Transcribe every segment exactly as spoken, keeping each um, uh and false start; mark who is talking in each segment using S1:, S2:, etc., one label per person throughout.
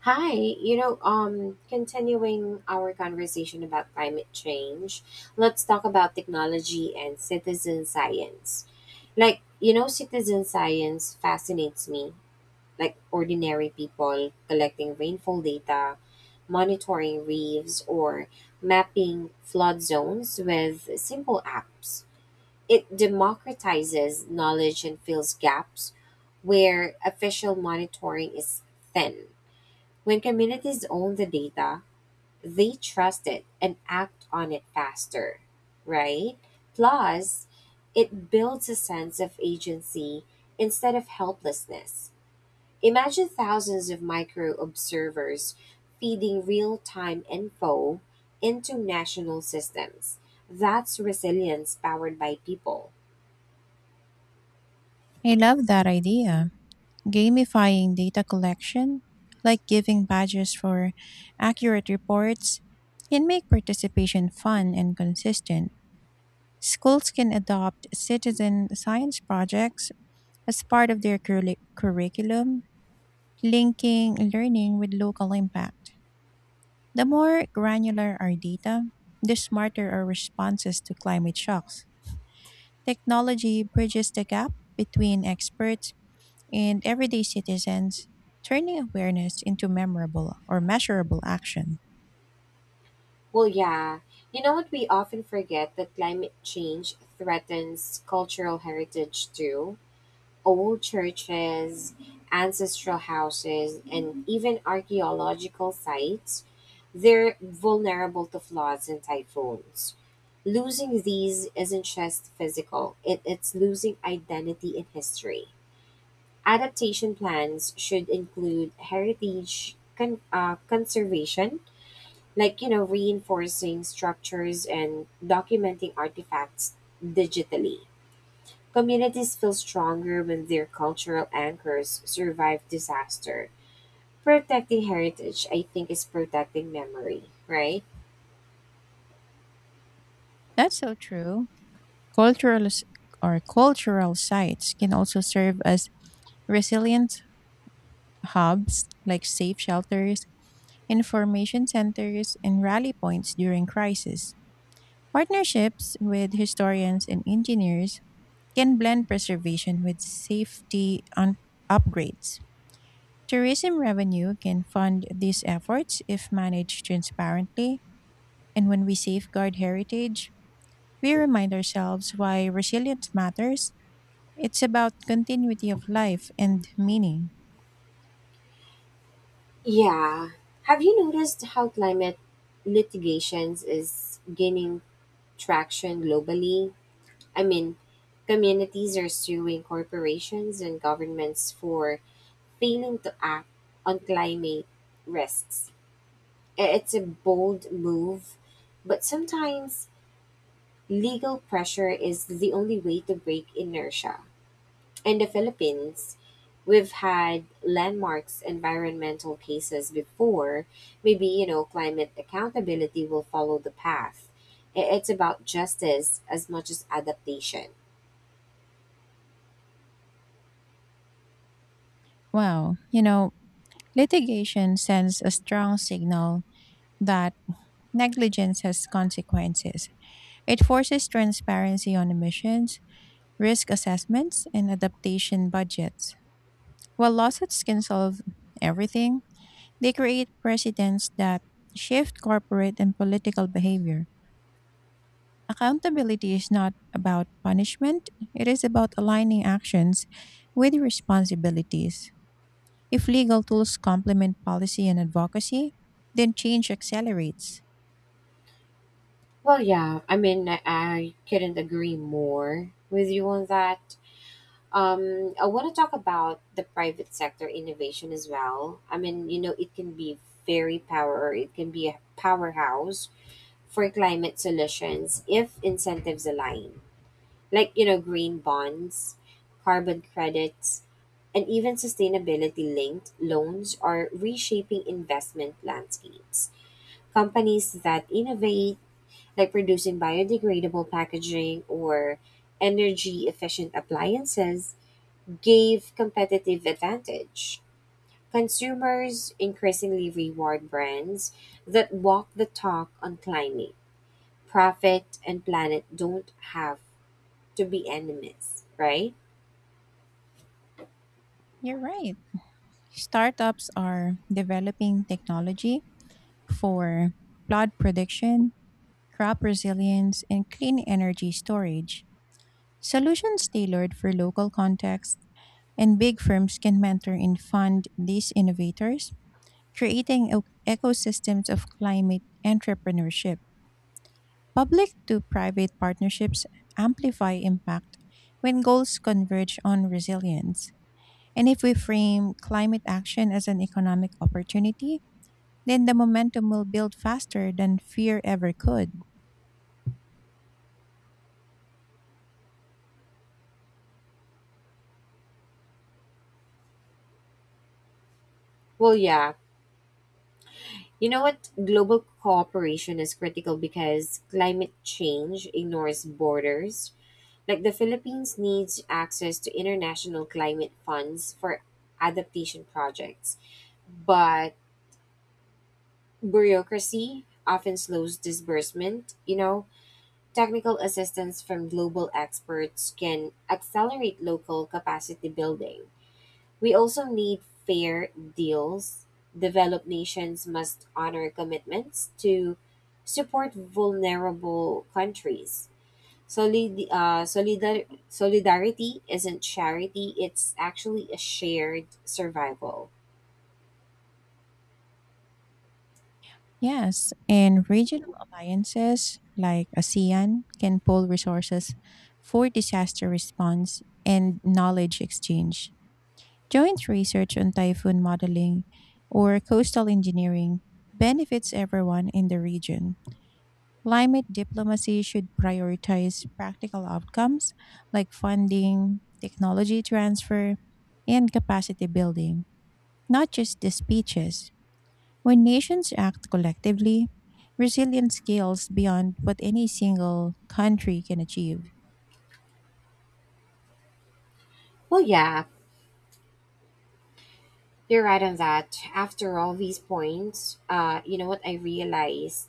S1: Hi, you know, um, continuing our conversation about climate change, let's talk about technology and citizen science. Like, you know, citizen science fascinates me, like ordinary people collecting rainfall data, monitoring reefs, or mapping flood zones with simple apps. It democratizes knowledge and fills gaps where official monitoring is thin when communities own the data, they trust it and act on it faster, right? Plus, it builds a sense of agency instead of helplessness. Imagine thousands of micro observers feeding real time info into national systems. That's resilience powered by people.
S2: I love that idea. Gamifying data collection, like giving badges for accurate reports, can make participation fun and consistent. Schools can adopt citizen science projects as part of their curri- curriculum, linking learning with local impact. The more granular our data, the smarter our responses to climate shocks. Technology bridges the gap between experts and everyday citizens, turning awareness into memorable or measurable action.
S1: Well, yeah, you know what? We often forget that climate change threatens cultural heritage too old churches, ancestral houses, and even archaeological sites, they're vulnerable to floods and typhoons. Losing these isn't just physical, it, it's losing identity and history. Adaptation plans should include heritage con- uh, conservation, like, you know, reinforcing structures and documenting artifacts digitally. Communities feel stronger when their cultural anchors survive disaster. Protecting heritage, I think, is protecting memory, right?
S2: That's so true. Cultural s- or Cultural sites can also serve as resilient hubs like safe shelters, information centers, and rally points during crisis. Partnerships with historians and engineers can blend preservation with safety un- upgrades. Tourism revenue can fund these efforts if managed transparently, and when we safeguard heritage, we remind ourselves why resilience matters. It's about continuity of life and meaning.
S1: Yeah. Have you noticed how climate litigations is gaining traction globally? I mean, communities are suing corporations and governments for failing to act on climate risks. I- It's a bold move, but sometimes Legal pressure is the only way to break inertia. In the Philippines, we've had landmarks environmental cases before. Maybe, you know, climate accountability will follow the path. I- It's about justice as much as adaptation.
S2: Wow, you know, litigation sends a strong signal that negligence has consequences. It forces transparency on emissions, risk assessments, and adaptation budgets. While lawsuits can solve everything, they create precedents that shift corporate and political behavior. Accountability is not about punishment, it is about aligning actions with responsibilities. If legal tools complement policy and advocacy, then change accelerates.
S1: Well, yeah, I mean, I, I couldn't agree more with you on that. Um, I want to talk about the private sector innovation as well. I mean, you know, it can be very power, it can be a powerhouse for climate solutions if incentives align, like you know green bonds, carbon credits, and even sustainability-linked loans are reshaping investment landscapes. Companies that innovate, like producing biodegradable packaging or energy efficient appliances, gave competitive advantage. Consumers increasingly reward brands that walk the talk on climate Profit and planet don't have to be enemies, right?
S2: You're right. Startups are developing technology for flood prediction, crop resilience, and clean energy storage. Solutions tailored for local contexts. And big firms can mentor and fund these innovators, creating o- ecosystems of climate entrepreneurship. Public to private partnerships amplify impact when goals converge on resilience. And if we frame climate action as an economic opportunity, then the momentum will build faster than fear ever could.
S1: Well, yeah. You know what? Global cooperation is critical because climate change ignores borders. Like the Philippines needs access to international climate funds for adaptation projects, but bureaucracy often slows disbursement. You know, technical assistance from global experts can accelerate local capacity building. We also need fair deals. Developed nations must honor commitments to support vulnerable countries. Solid, uh, solidar- solidarity isn't charity, it's actually a shared survival.
S2: Yes, and regional alliances like ASEAN can pool resources for disaster response and knowledge exchange. Joint research on typhoon modeling or coastal engineering benefits everyone in the region. Climate diplomacy should prioritize practical outcomes like funding, technology transfer, and capacity building, not just the speeches. When nations act collectively, resilience scales beyond what any single country can achieve.
S1: Well, yeah, you're right on that. After all these points, uh, you know what I realized?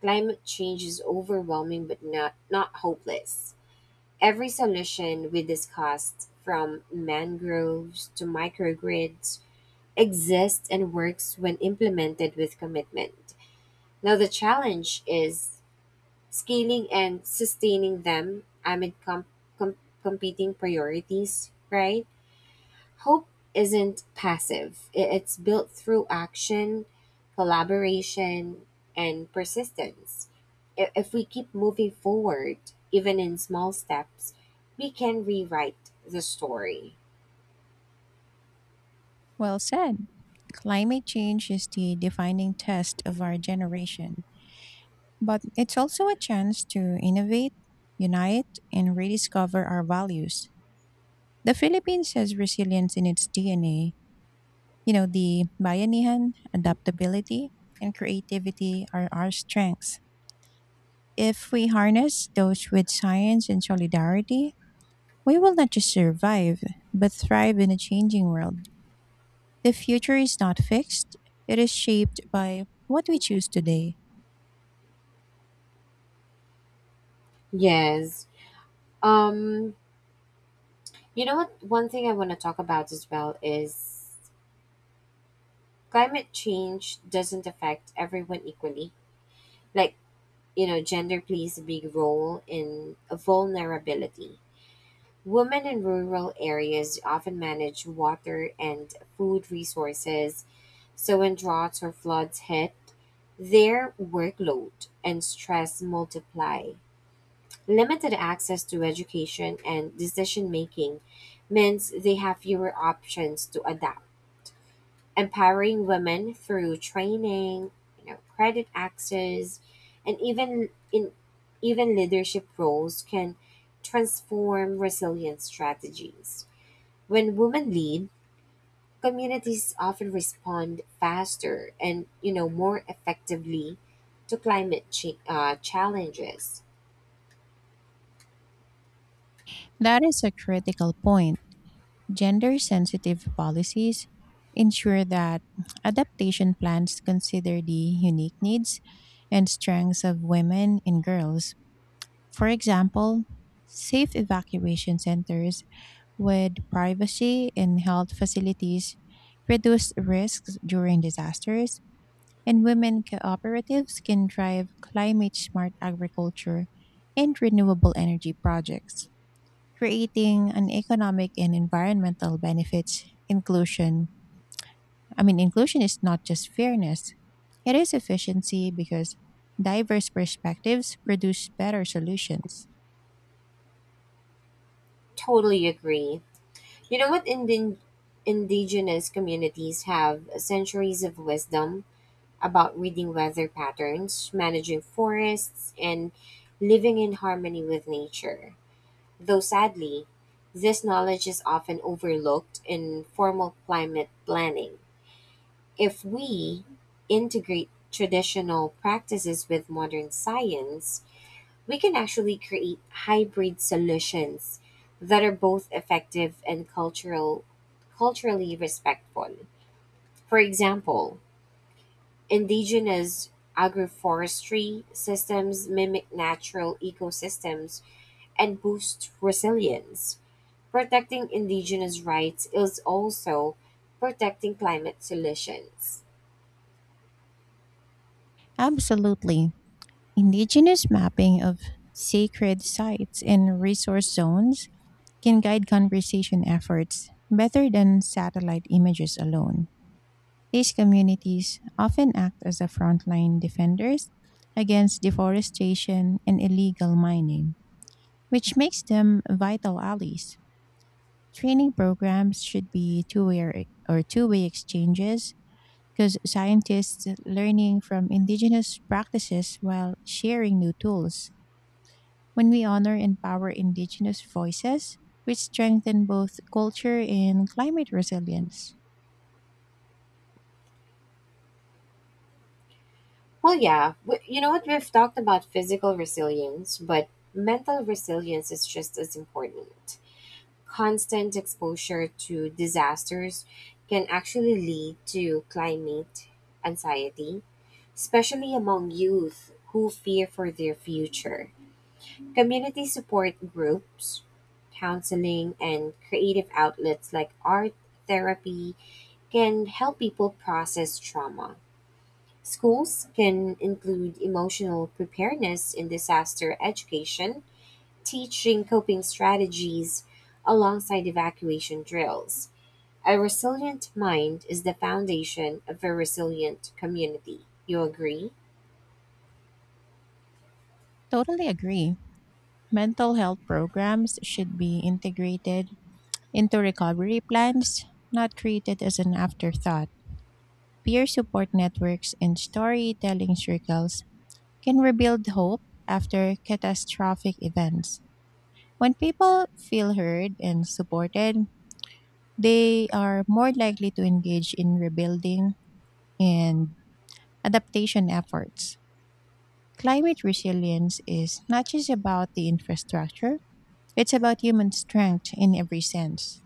S1: Climate change is overwhelming but not, not hopeless. Every solution we discussed, from mangroves to microgrids, exists and works when implemented with commitment. Now, the challenge is scaling and sustaining them amid com- com- competing priorities, right? Hope isn't passive, i- it's built through action, collaboration, and persistence. I- If we keep moving forward, even in small steps, we can rewrite the story.
S2: Well said. Climate change is the defining test of our generation, but it's also a chance to innovate, unite, and rediscover our values. The Philippines has resilience in its D N A. You know, the bayanihan, adaptability, and creativity are our strengths. If we harness those with science and solidarity, we will not just survive, but thrive in a changing world. The future is not fixed, it is shaped by what we choose today.
S1: Yes. Um, you know what? One thing I want to talk about as well is climate change doesn't affect everyone equally. Like, you know, gender plays a big role in vulnerability Women in rural areas often manage water and food resources, so when droughts or floods hit, their workload and stress multiply. Limited access to education and decision making means they have fewer options to adapt. Empowering women through training, you know, credit access, and even in even leadership roles can transform resilience strategies. When women lead, communities often respond faster and you know more effectively to climate ch- uh, challenges.
S2: That is a critical point. Gender sensitive policies ensure that adaptation plans consider the unique needs and strengths of women and girls. For example, safe evacuation centers with privacy and health facilities reduce risks during disasters, and women cooperatives can drive climate smart agriculture and renewable energy projects, creating an economic and environmental benefits. Inclusion, I mean, inclusion is not just fairness, it is efficiency because diverse perspectives produce better solutions.
S1: Totally agree. You know what? Indi- indigenous communities have centuries of wisdom about reading weather patterns, managing forests, and living in harmony with nature. Though sadly, this knowledge is often overlooked in formal climate planning. If we integrate traditional practices with modern science, we can actually create hybrid solutions that are both effective and cultural culturally respectful. For example, indigenous agroforestry systems mimic natural ecosystems and boost resilience. Protecting indigenous rights is also protecting climate solutions.
S2: Absolutely. Indigenous mapping of sacred sites and resource zones can guide conversation efforts better than satellite images alone. These communities often act as the frontline defenders against deforestation and illegal mining, which makes them vital allies. Training programs should be two-way or two-way exchanges because scientists learning from indigenous practices while sharing new tools. When we honor and power indigenous voices, we strengthen both culture and climate resilience.
S1: Well, yeah. W- You know what? We've talked about physical resilience, but mental resilience is just as important. Constant exposure to disasters can actually lead to climate anxiety, especially among youth who fear for their future. Community support groups, counseling, and creative outlets like art therapy can help people process trauma. Schools can include emotional preparedness in disaster education, teaching coping strategies alongside evacuation drills. A resilient mind is the foundation of a resilient community. You agree?
S2: Totally agree. Mental health programs should be integrated into recovery plans, not created as an afterthought. Peer support networks and storytelling circles can rebuild hope after catastrophic events. When people feel heard and supported, they are more likely to engage in rebuilding and adaptation efforts. Climate resilience is not just about the infrastructure, it's about human strength in every sense.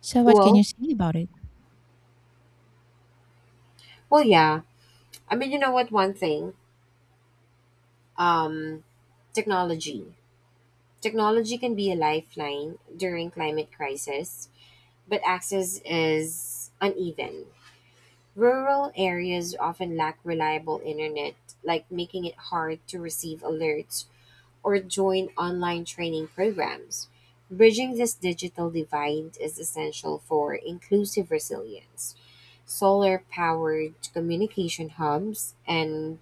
S2: So what can
S1: Well,
S2: you say about it?
S1: well, yeah. I mean, you know what? One thing, um, technology. Technology can be a lifeline during climate crisis, but access is uneven. Rural areas often lack reliable internet, like making it hard to receive alerts or join online training programs. Bridging this digital divide is essential for inclusive resilience. Solar powered communication hubs and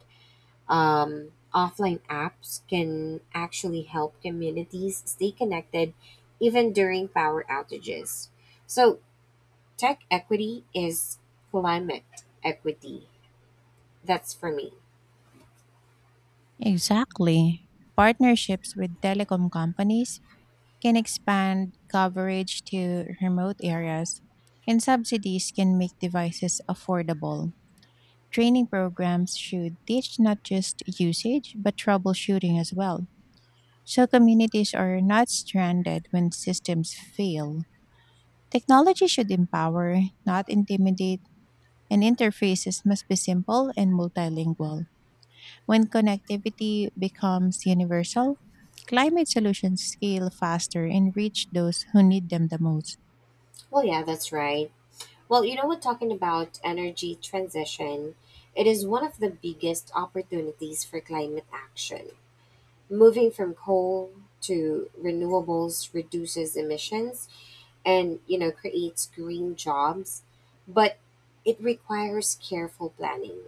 S1: um, offline apps can actually help communities stay connected even during power outages. So, tech equity is climate equity that's for me.
S2: Exactly. Partnerships with telecom companies can expand coverage to remote areas, and subsidies can make devices affordable. Training programs should teach not just usage, but troubleshooting as well. So communities are not stranded when systems fail. Technology should empower, not intimidate, and interfaces must be simple and multilingual. When connectivity becomes universal, climate solutions scale faster and reach those who need them the most.
S1: Well, yeah, that's right. Well, you know what, talking about energy transition, it is one of the biggest opportunities for climate action. Moving from coal to renewables reduces emissions and, you know, creates green jobs, but it requires careful planning.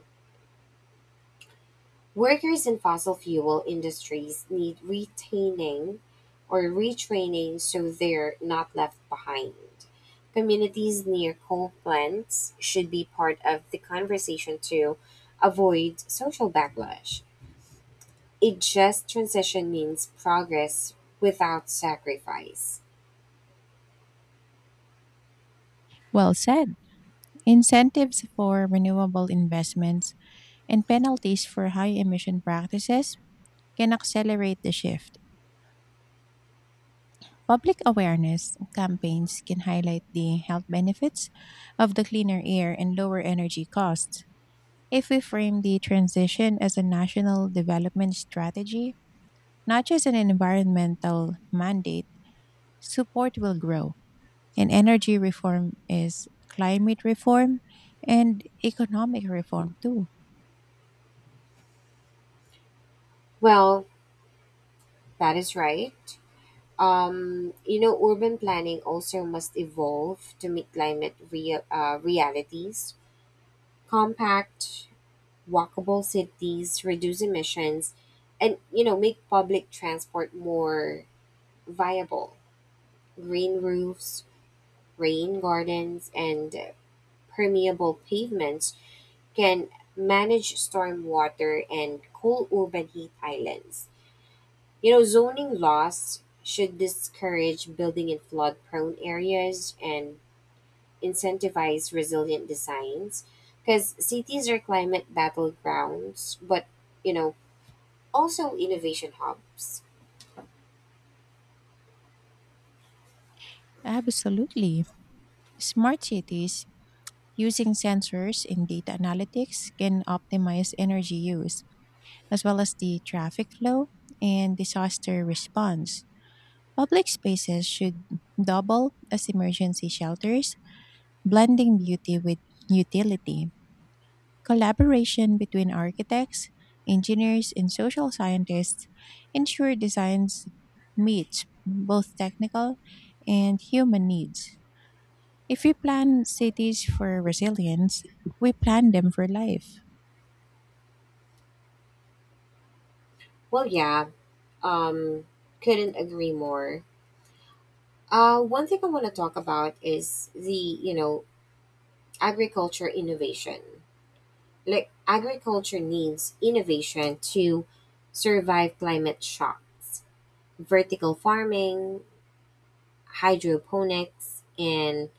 S1: Workers in fossil fuel industries need retaining or retraining so they're not left behind. Communities near coal plants should be part of the conversation to avoid social backlash. A just transition means progress without sacrifice.
S2: Well said. Incentives for renewable investments and penalties for high emission practices can accelerate the shift. Public awareness campaigns can highlight the health benefits of the cleaner air and lower energy costs. If we frame the transition as a national development strategy, not just an environmental mandate, support will grow, and energy reform is climate reform and economic reform too.
S1: Well, that is right. Um, you know, urban planning also must evolve to meet climate real, uh, realities. Compact walkable cities, reduce emissions, and you know make public transport more viable. Green roofs, rain gardens, and permeable pavements can manage stormwater and cool urban heat islands. You know, zoning laws should discourage building in flood-prone areas and incentivize resilient designs because cities are climate battlegrounds, but you know also innovation hubs.
S2: Absolutely. Smart cities using sensors and data analytics can optimize energy use as well as the traffic flow and disaster response. Public spaces should double as emergency shelters, blending beauty with utility. Collaboration between architects, engineers, and social scientists ensure designs meet both technical and human needs. If we plan cities for resilience, we plan them for life.
S1: Well, yeah, um, couldn't agree more. Uh, one thing I want to talk about is the, you know, agriculture innovation. Like, agriculture needs innovation to survive climate shocks. Vertical farming, hydroponics, and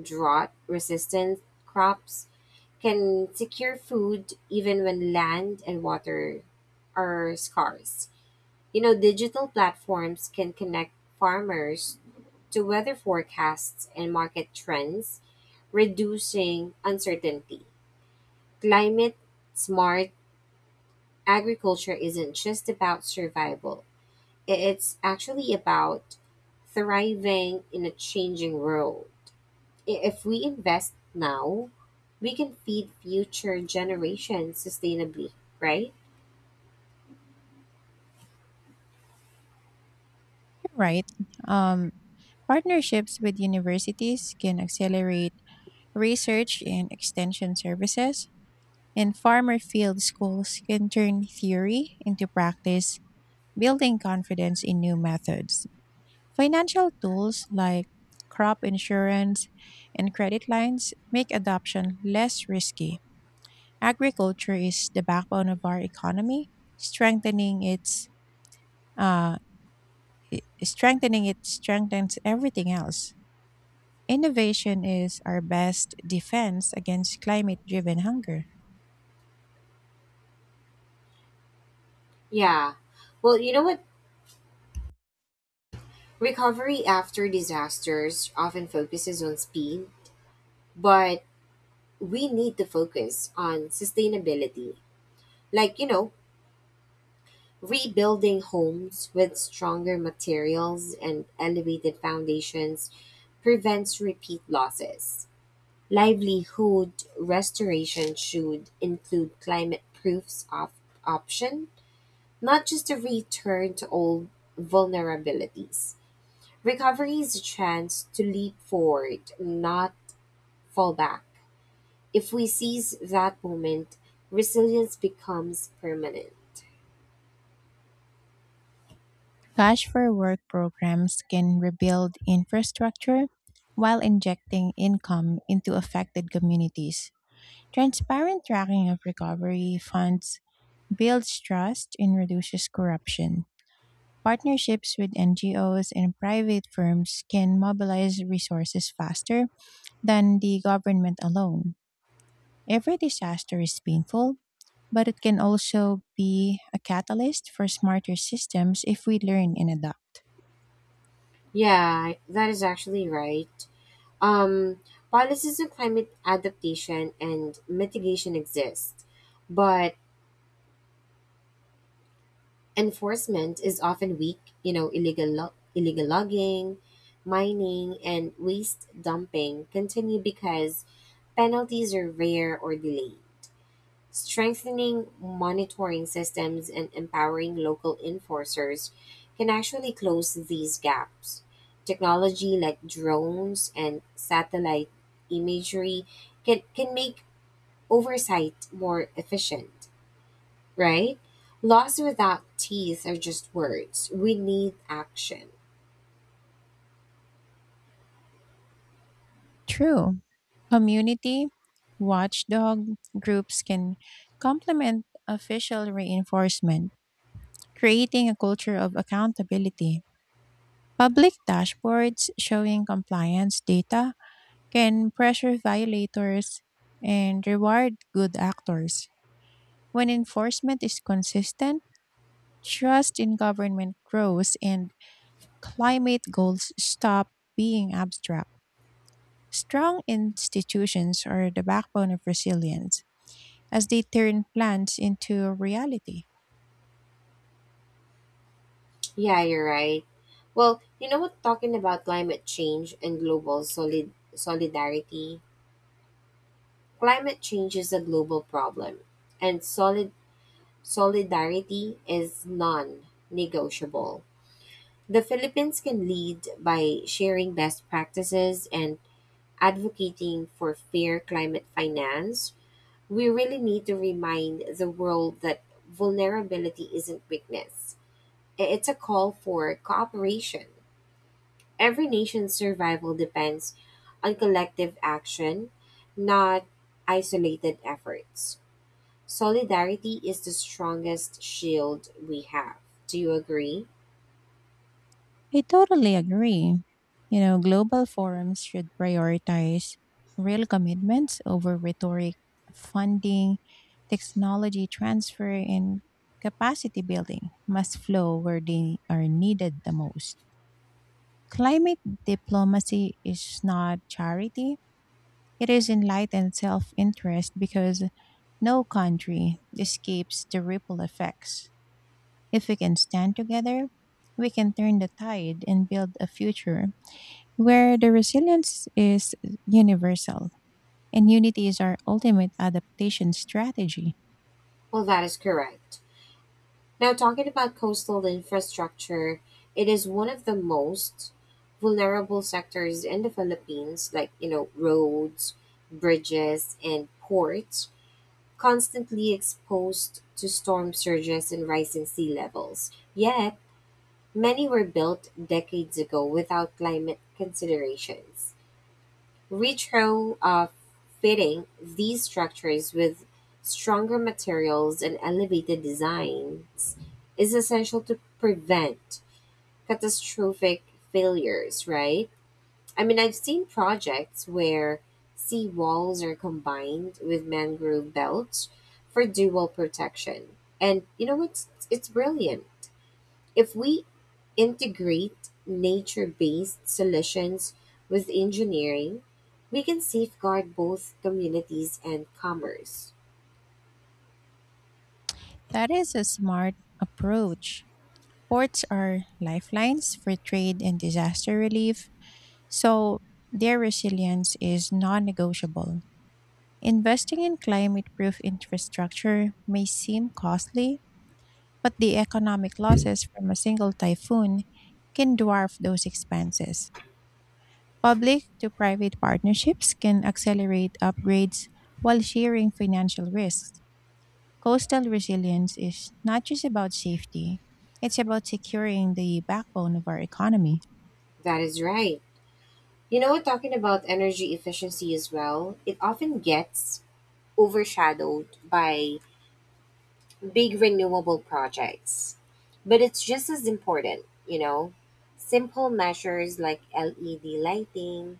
S1: drought resistant crops can secure food even when land and water are scarce. You know, digital platforms can connect farmers to weather forecasts and market trends, reducing uncertainty. Climate smart agriculture isn't just about survival, i- it's actually about thriving in a changing world. I- If we invest now, we can feed future generations sustainably, right?
S2: You're right. Um, Partnerships with universities can accelerate research and extension services, and farmer field schools can turn theory into practice, building confidence in new methods. Financial tools like crop insurance and credit lines make adoption less risky. Agriculture is the backbone of our economy, strengthening its uh, i- strengthening it strengthens everything else. Innovation is our best defense against climate-driven hunger.
S1: Yeah. Well, you know what? Recovery after disasters often focuses on speed, but we need to focus on sustainability. Like, you know, rebuilding homes with stronger materials and elevated foundations prevents repeat losses. Livelihood restoration should include climate proofs of option, not just a return to old vulnerabilities. Recovery is a chance to leap forward, not fall back. If we seize that moment, resilience becomes permanent.
S2: Cash for work programs can rebuild infrastructure while injecting income into affected communities. Transparent tracking of recovery funds builds trust and reduces corruption. Partnerships with N G Os and private firms can mobilize resources faster than the government alone. Every disaster is painful, but it can also be a catalyst for smarter systems if we learn and adapt.
S1: Yeah, that is actually right. Um, policies on climate adaptation and mitigation exist, but enforcement is often weak. You know, illegal lo- illegal logging, mining, and waste dumping continue because penalties are rare or delayed. Strengthening monitoring systems and empowering local enforcers can actually close these gaps. Technology like drones and satellite imagery can, can make oversight more efficient, right? Laws without teeth are just words. We need action.
S2: True. Community watchdog groups can complement official reinforcement, creating a culture of accountability. Public dashboards showing compliance data can pressure violators and reward good actors. When enforcement is consistent, trust in government grows and climate goals stop being abstract. Strong institutions are the backbone of resilience as they turn plans into reality.
S1: Yeah, you're right. Well, you know what? Talking about climate change and global solid solidarity, Climate change is a global problem, and solid solidarity is non-negotiable. The Philippines can lead by sharing best practices and advocating for fair climate finance. We really need to remind the world that vulnerability isn't weakness. I- It's a call for cooperation. Every nation's survival depends on collective action, not isolated efforts. Solidarity is the strongest shield we have. Do you agree?
S2: I totally agree. You know, global forums should prioritize real commitments over rhetoric, funding, technology transfer, and capacity building must flow where they are needed the most. Climate diplomacy is not charity, it is enlightened self interest because no country escapes the ripple effects. If we can stand together, we can turn the tide and build a future where the resilience is universal and unity is our ultimate adaptation strategy.
S1: Well, that is correct. Now, talking about coastal infrastructure, it is one of the most vulnerable sectors in the Philippines, like, you know, roads, bridges, and ports, constantly exposed to storm surges and rising sea levels. Yet, many were built decades ago without climate considerations. Retrofitting these structures with stronger materials and elevated designs is essential to prevent catastrophic failures, right? I mean, I've seen projects where sea walls are combined with mangrove belts for dual protection. And you know, it's it's brilliant. If we integrate nature based solutions with engineering, we can safeguard both communities and commerce.
S2: That is a smart approach. Ports are lifelines for trade and disaster relief, so their resilience is non negotiable. Investing in climate proof infrastructure may seem costly, but the economic losses from a single typhoon can dwarf those expenses. Public to private partnerships can accelerate upgrades while sharing financial risks. Coastal resilience is not just about safety, it's about securing the backbone of our economy.
S1: That is right. You know, talking about energy efficiency as well, it often gets overshadowed by big renewable projects. But it's just as important, you know. Simple measures like L E D lighting,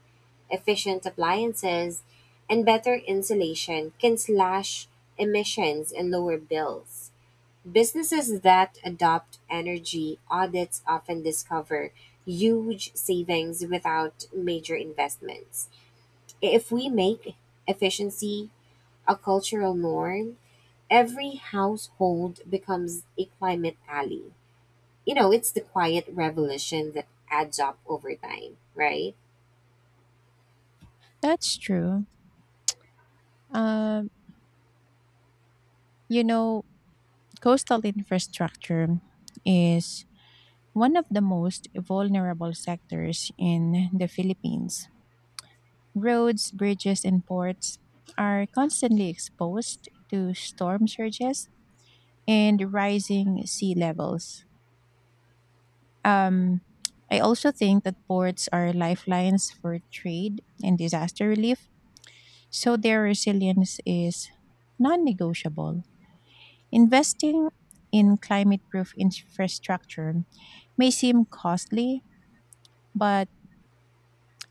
S1: efficient appliances, and better insulation can slash emissions and lower bills. Businesses that adopt energy audits often discover huge savings without major investments. If we make efficiency a cultural norm, every household becomes a climate alley. You know, it's the quiet revolution that adds up over time, right?
S2: That's true. Um, you know, coastal infrastructure is one of the most vulnerable sectors in the Philippines. Roads, bridges, and ports are constantly exposed to storm surges and rising sea levels. Um, I also think that ports are lifelines for trade and disaster relief, so their resilience is non negotiable. Investing in climate proof infrastructure may seem costly, but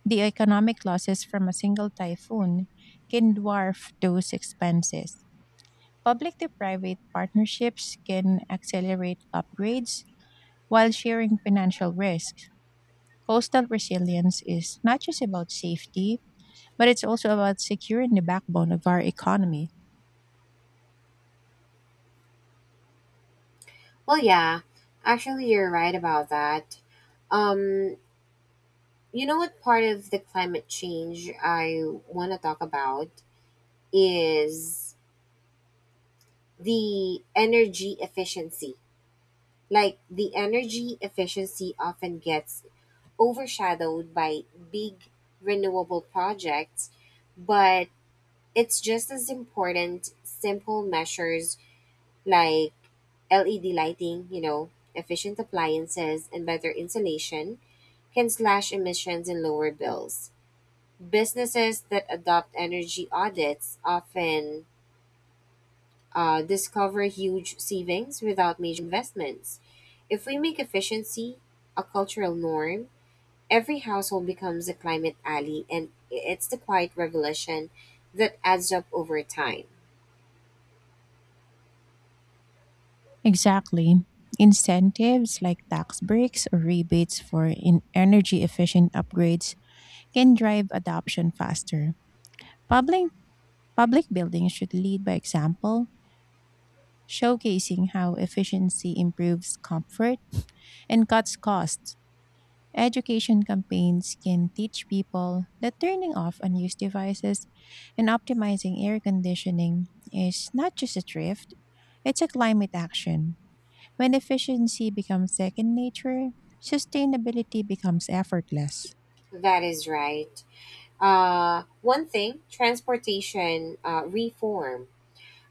S2: the economic losses from a single typhoon can dwarf those expenses. Public to private partnerships can accelerate upgrades while sharing financial risks. Coastal resilience is not just about safety, but it's also about securing the backbone of our economy.
S1: Well, yeah, actually, you're right about that. Um, you know what part of the climate change I want to talk about is the energy efficiency. Like, the energy efficiency often gets overshadowed by big renewable projects, but it's just as important simple measures like L E D lighting, you know, efficient appliances, and better insulation can slash emissions and lower bills. Businesses that adopt energy audits often uh, discover huge savings without major investments. If we make efficiency a cultural norm, every household becomes a climate ally, and it's the quiet revolution that adds up over time.
S2: Exactly. Incentives like tax breaks or rebates for in energy efficient upgrades can drive adoption faster. Public, public buildings should lead by example, showcasing how efficiency improves comfort and cuts costs. Education campaigns can teach people that turning off unused devices and optimizing air conditioning is not just a thrift, it's a climate action. When efficiency becomes second nature, sustainability becomes effortless.
S1: That is right. Uh, one thing, transportation uh, reform.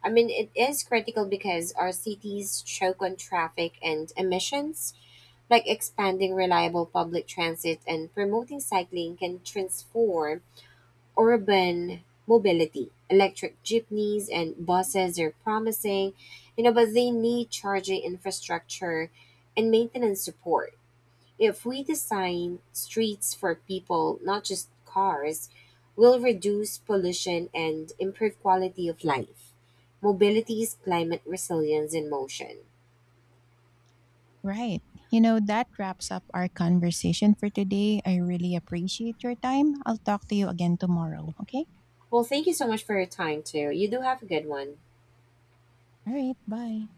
S1: I mean, it is critical because our cities choke on traffic and emissions. Like expanding reliable public transit and promoting cycling can transform urban mobility. Electric jeepneys and buses are promising, you know, but they need charging infrastructure and maintenance support. If we design streets for people, not just cars, we'll reduce pollution and improve quality of life. Mobility is climate resilience in motion.
S2: Right. You know, that wraps up our conversation for today. I really appreciate your time. I'll talk to you again tomorrow, okay?
S1: Well, thank you so much for your time, too. You do have a good one.
S2: All right. Bye.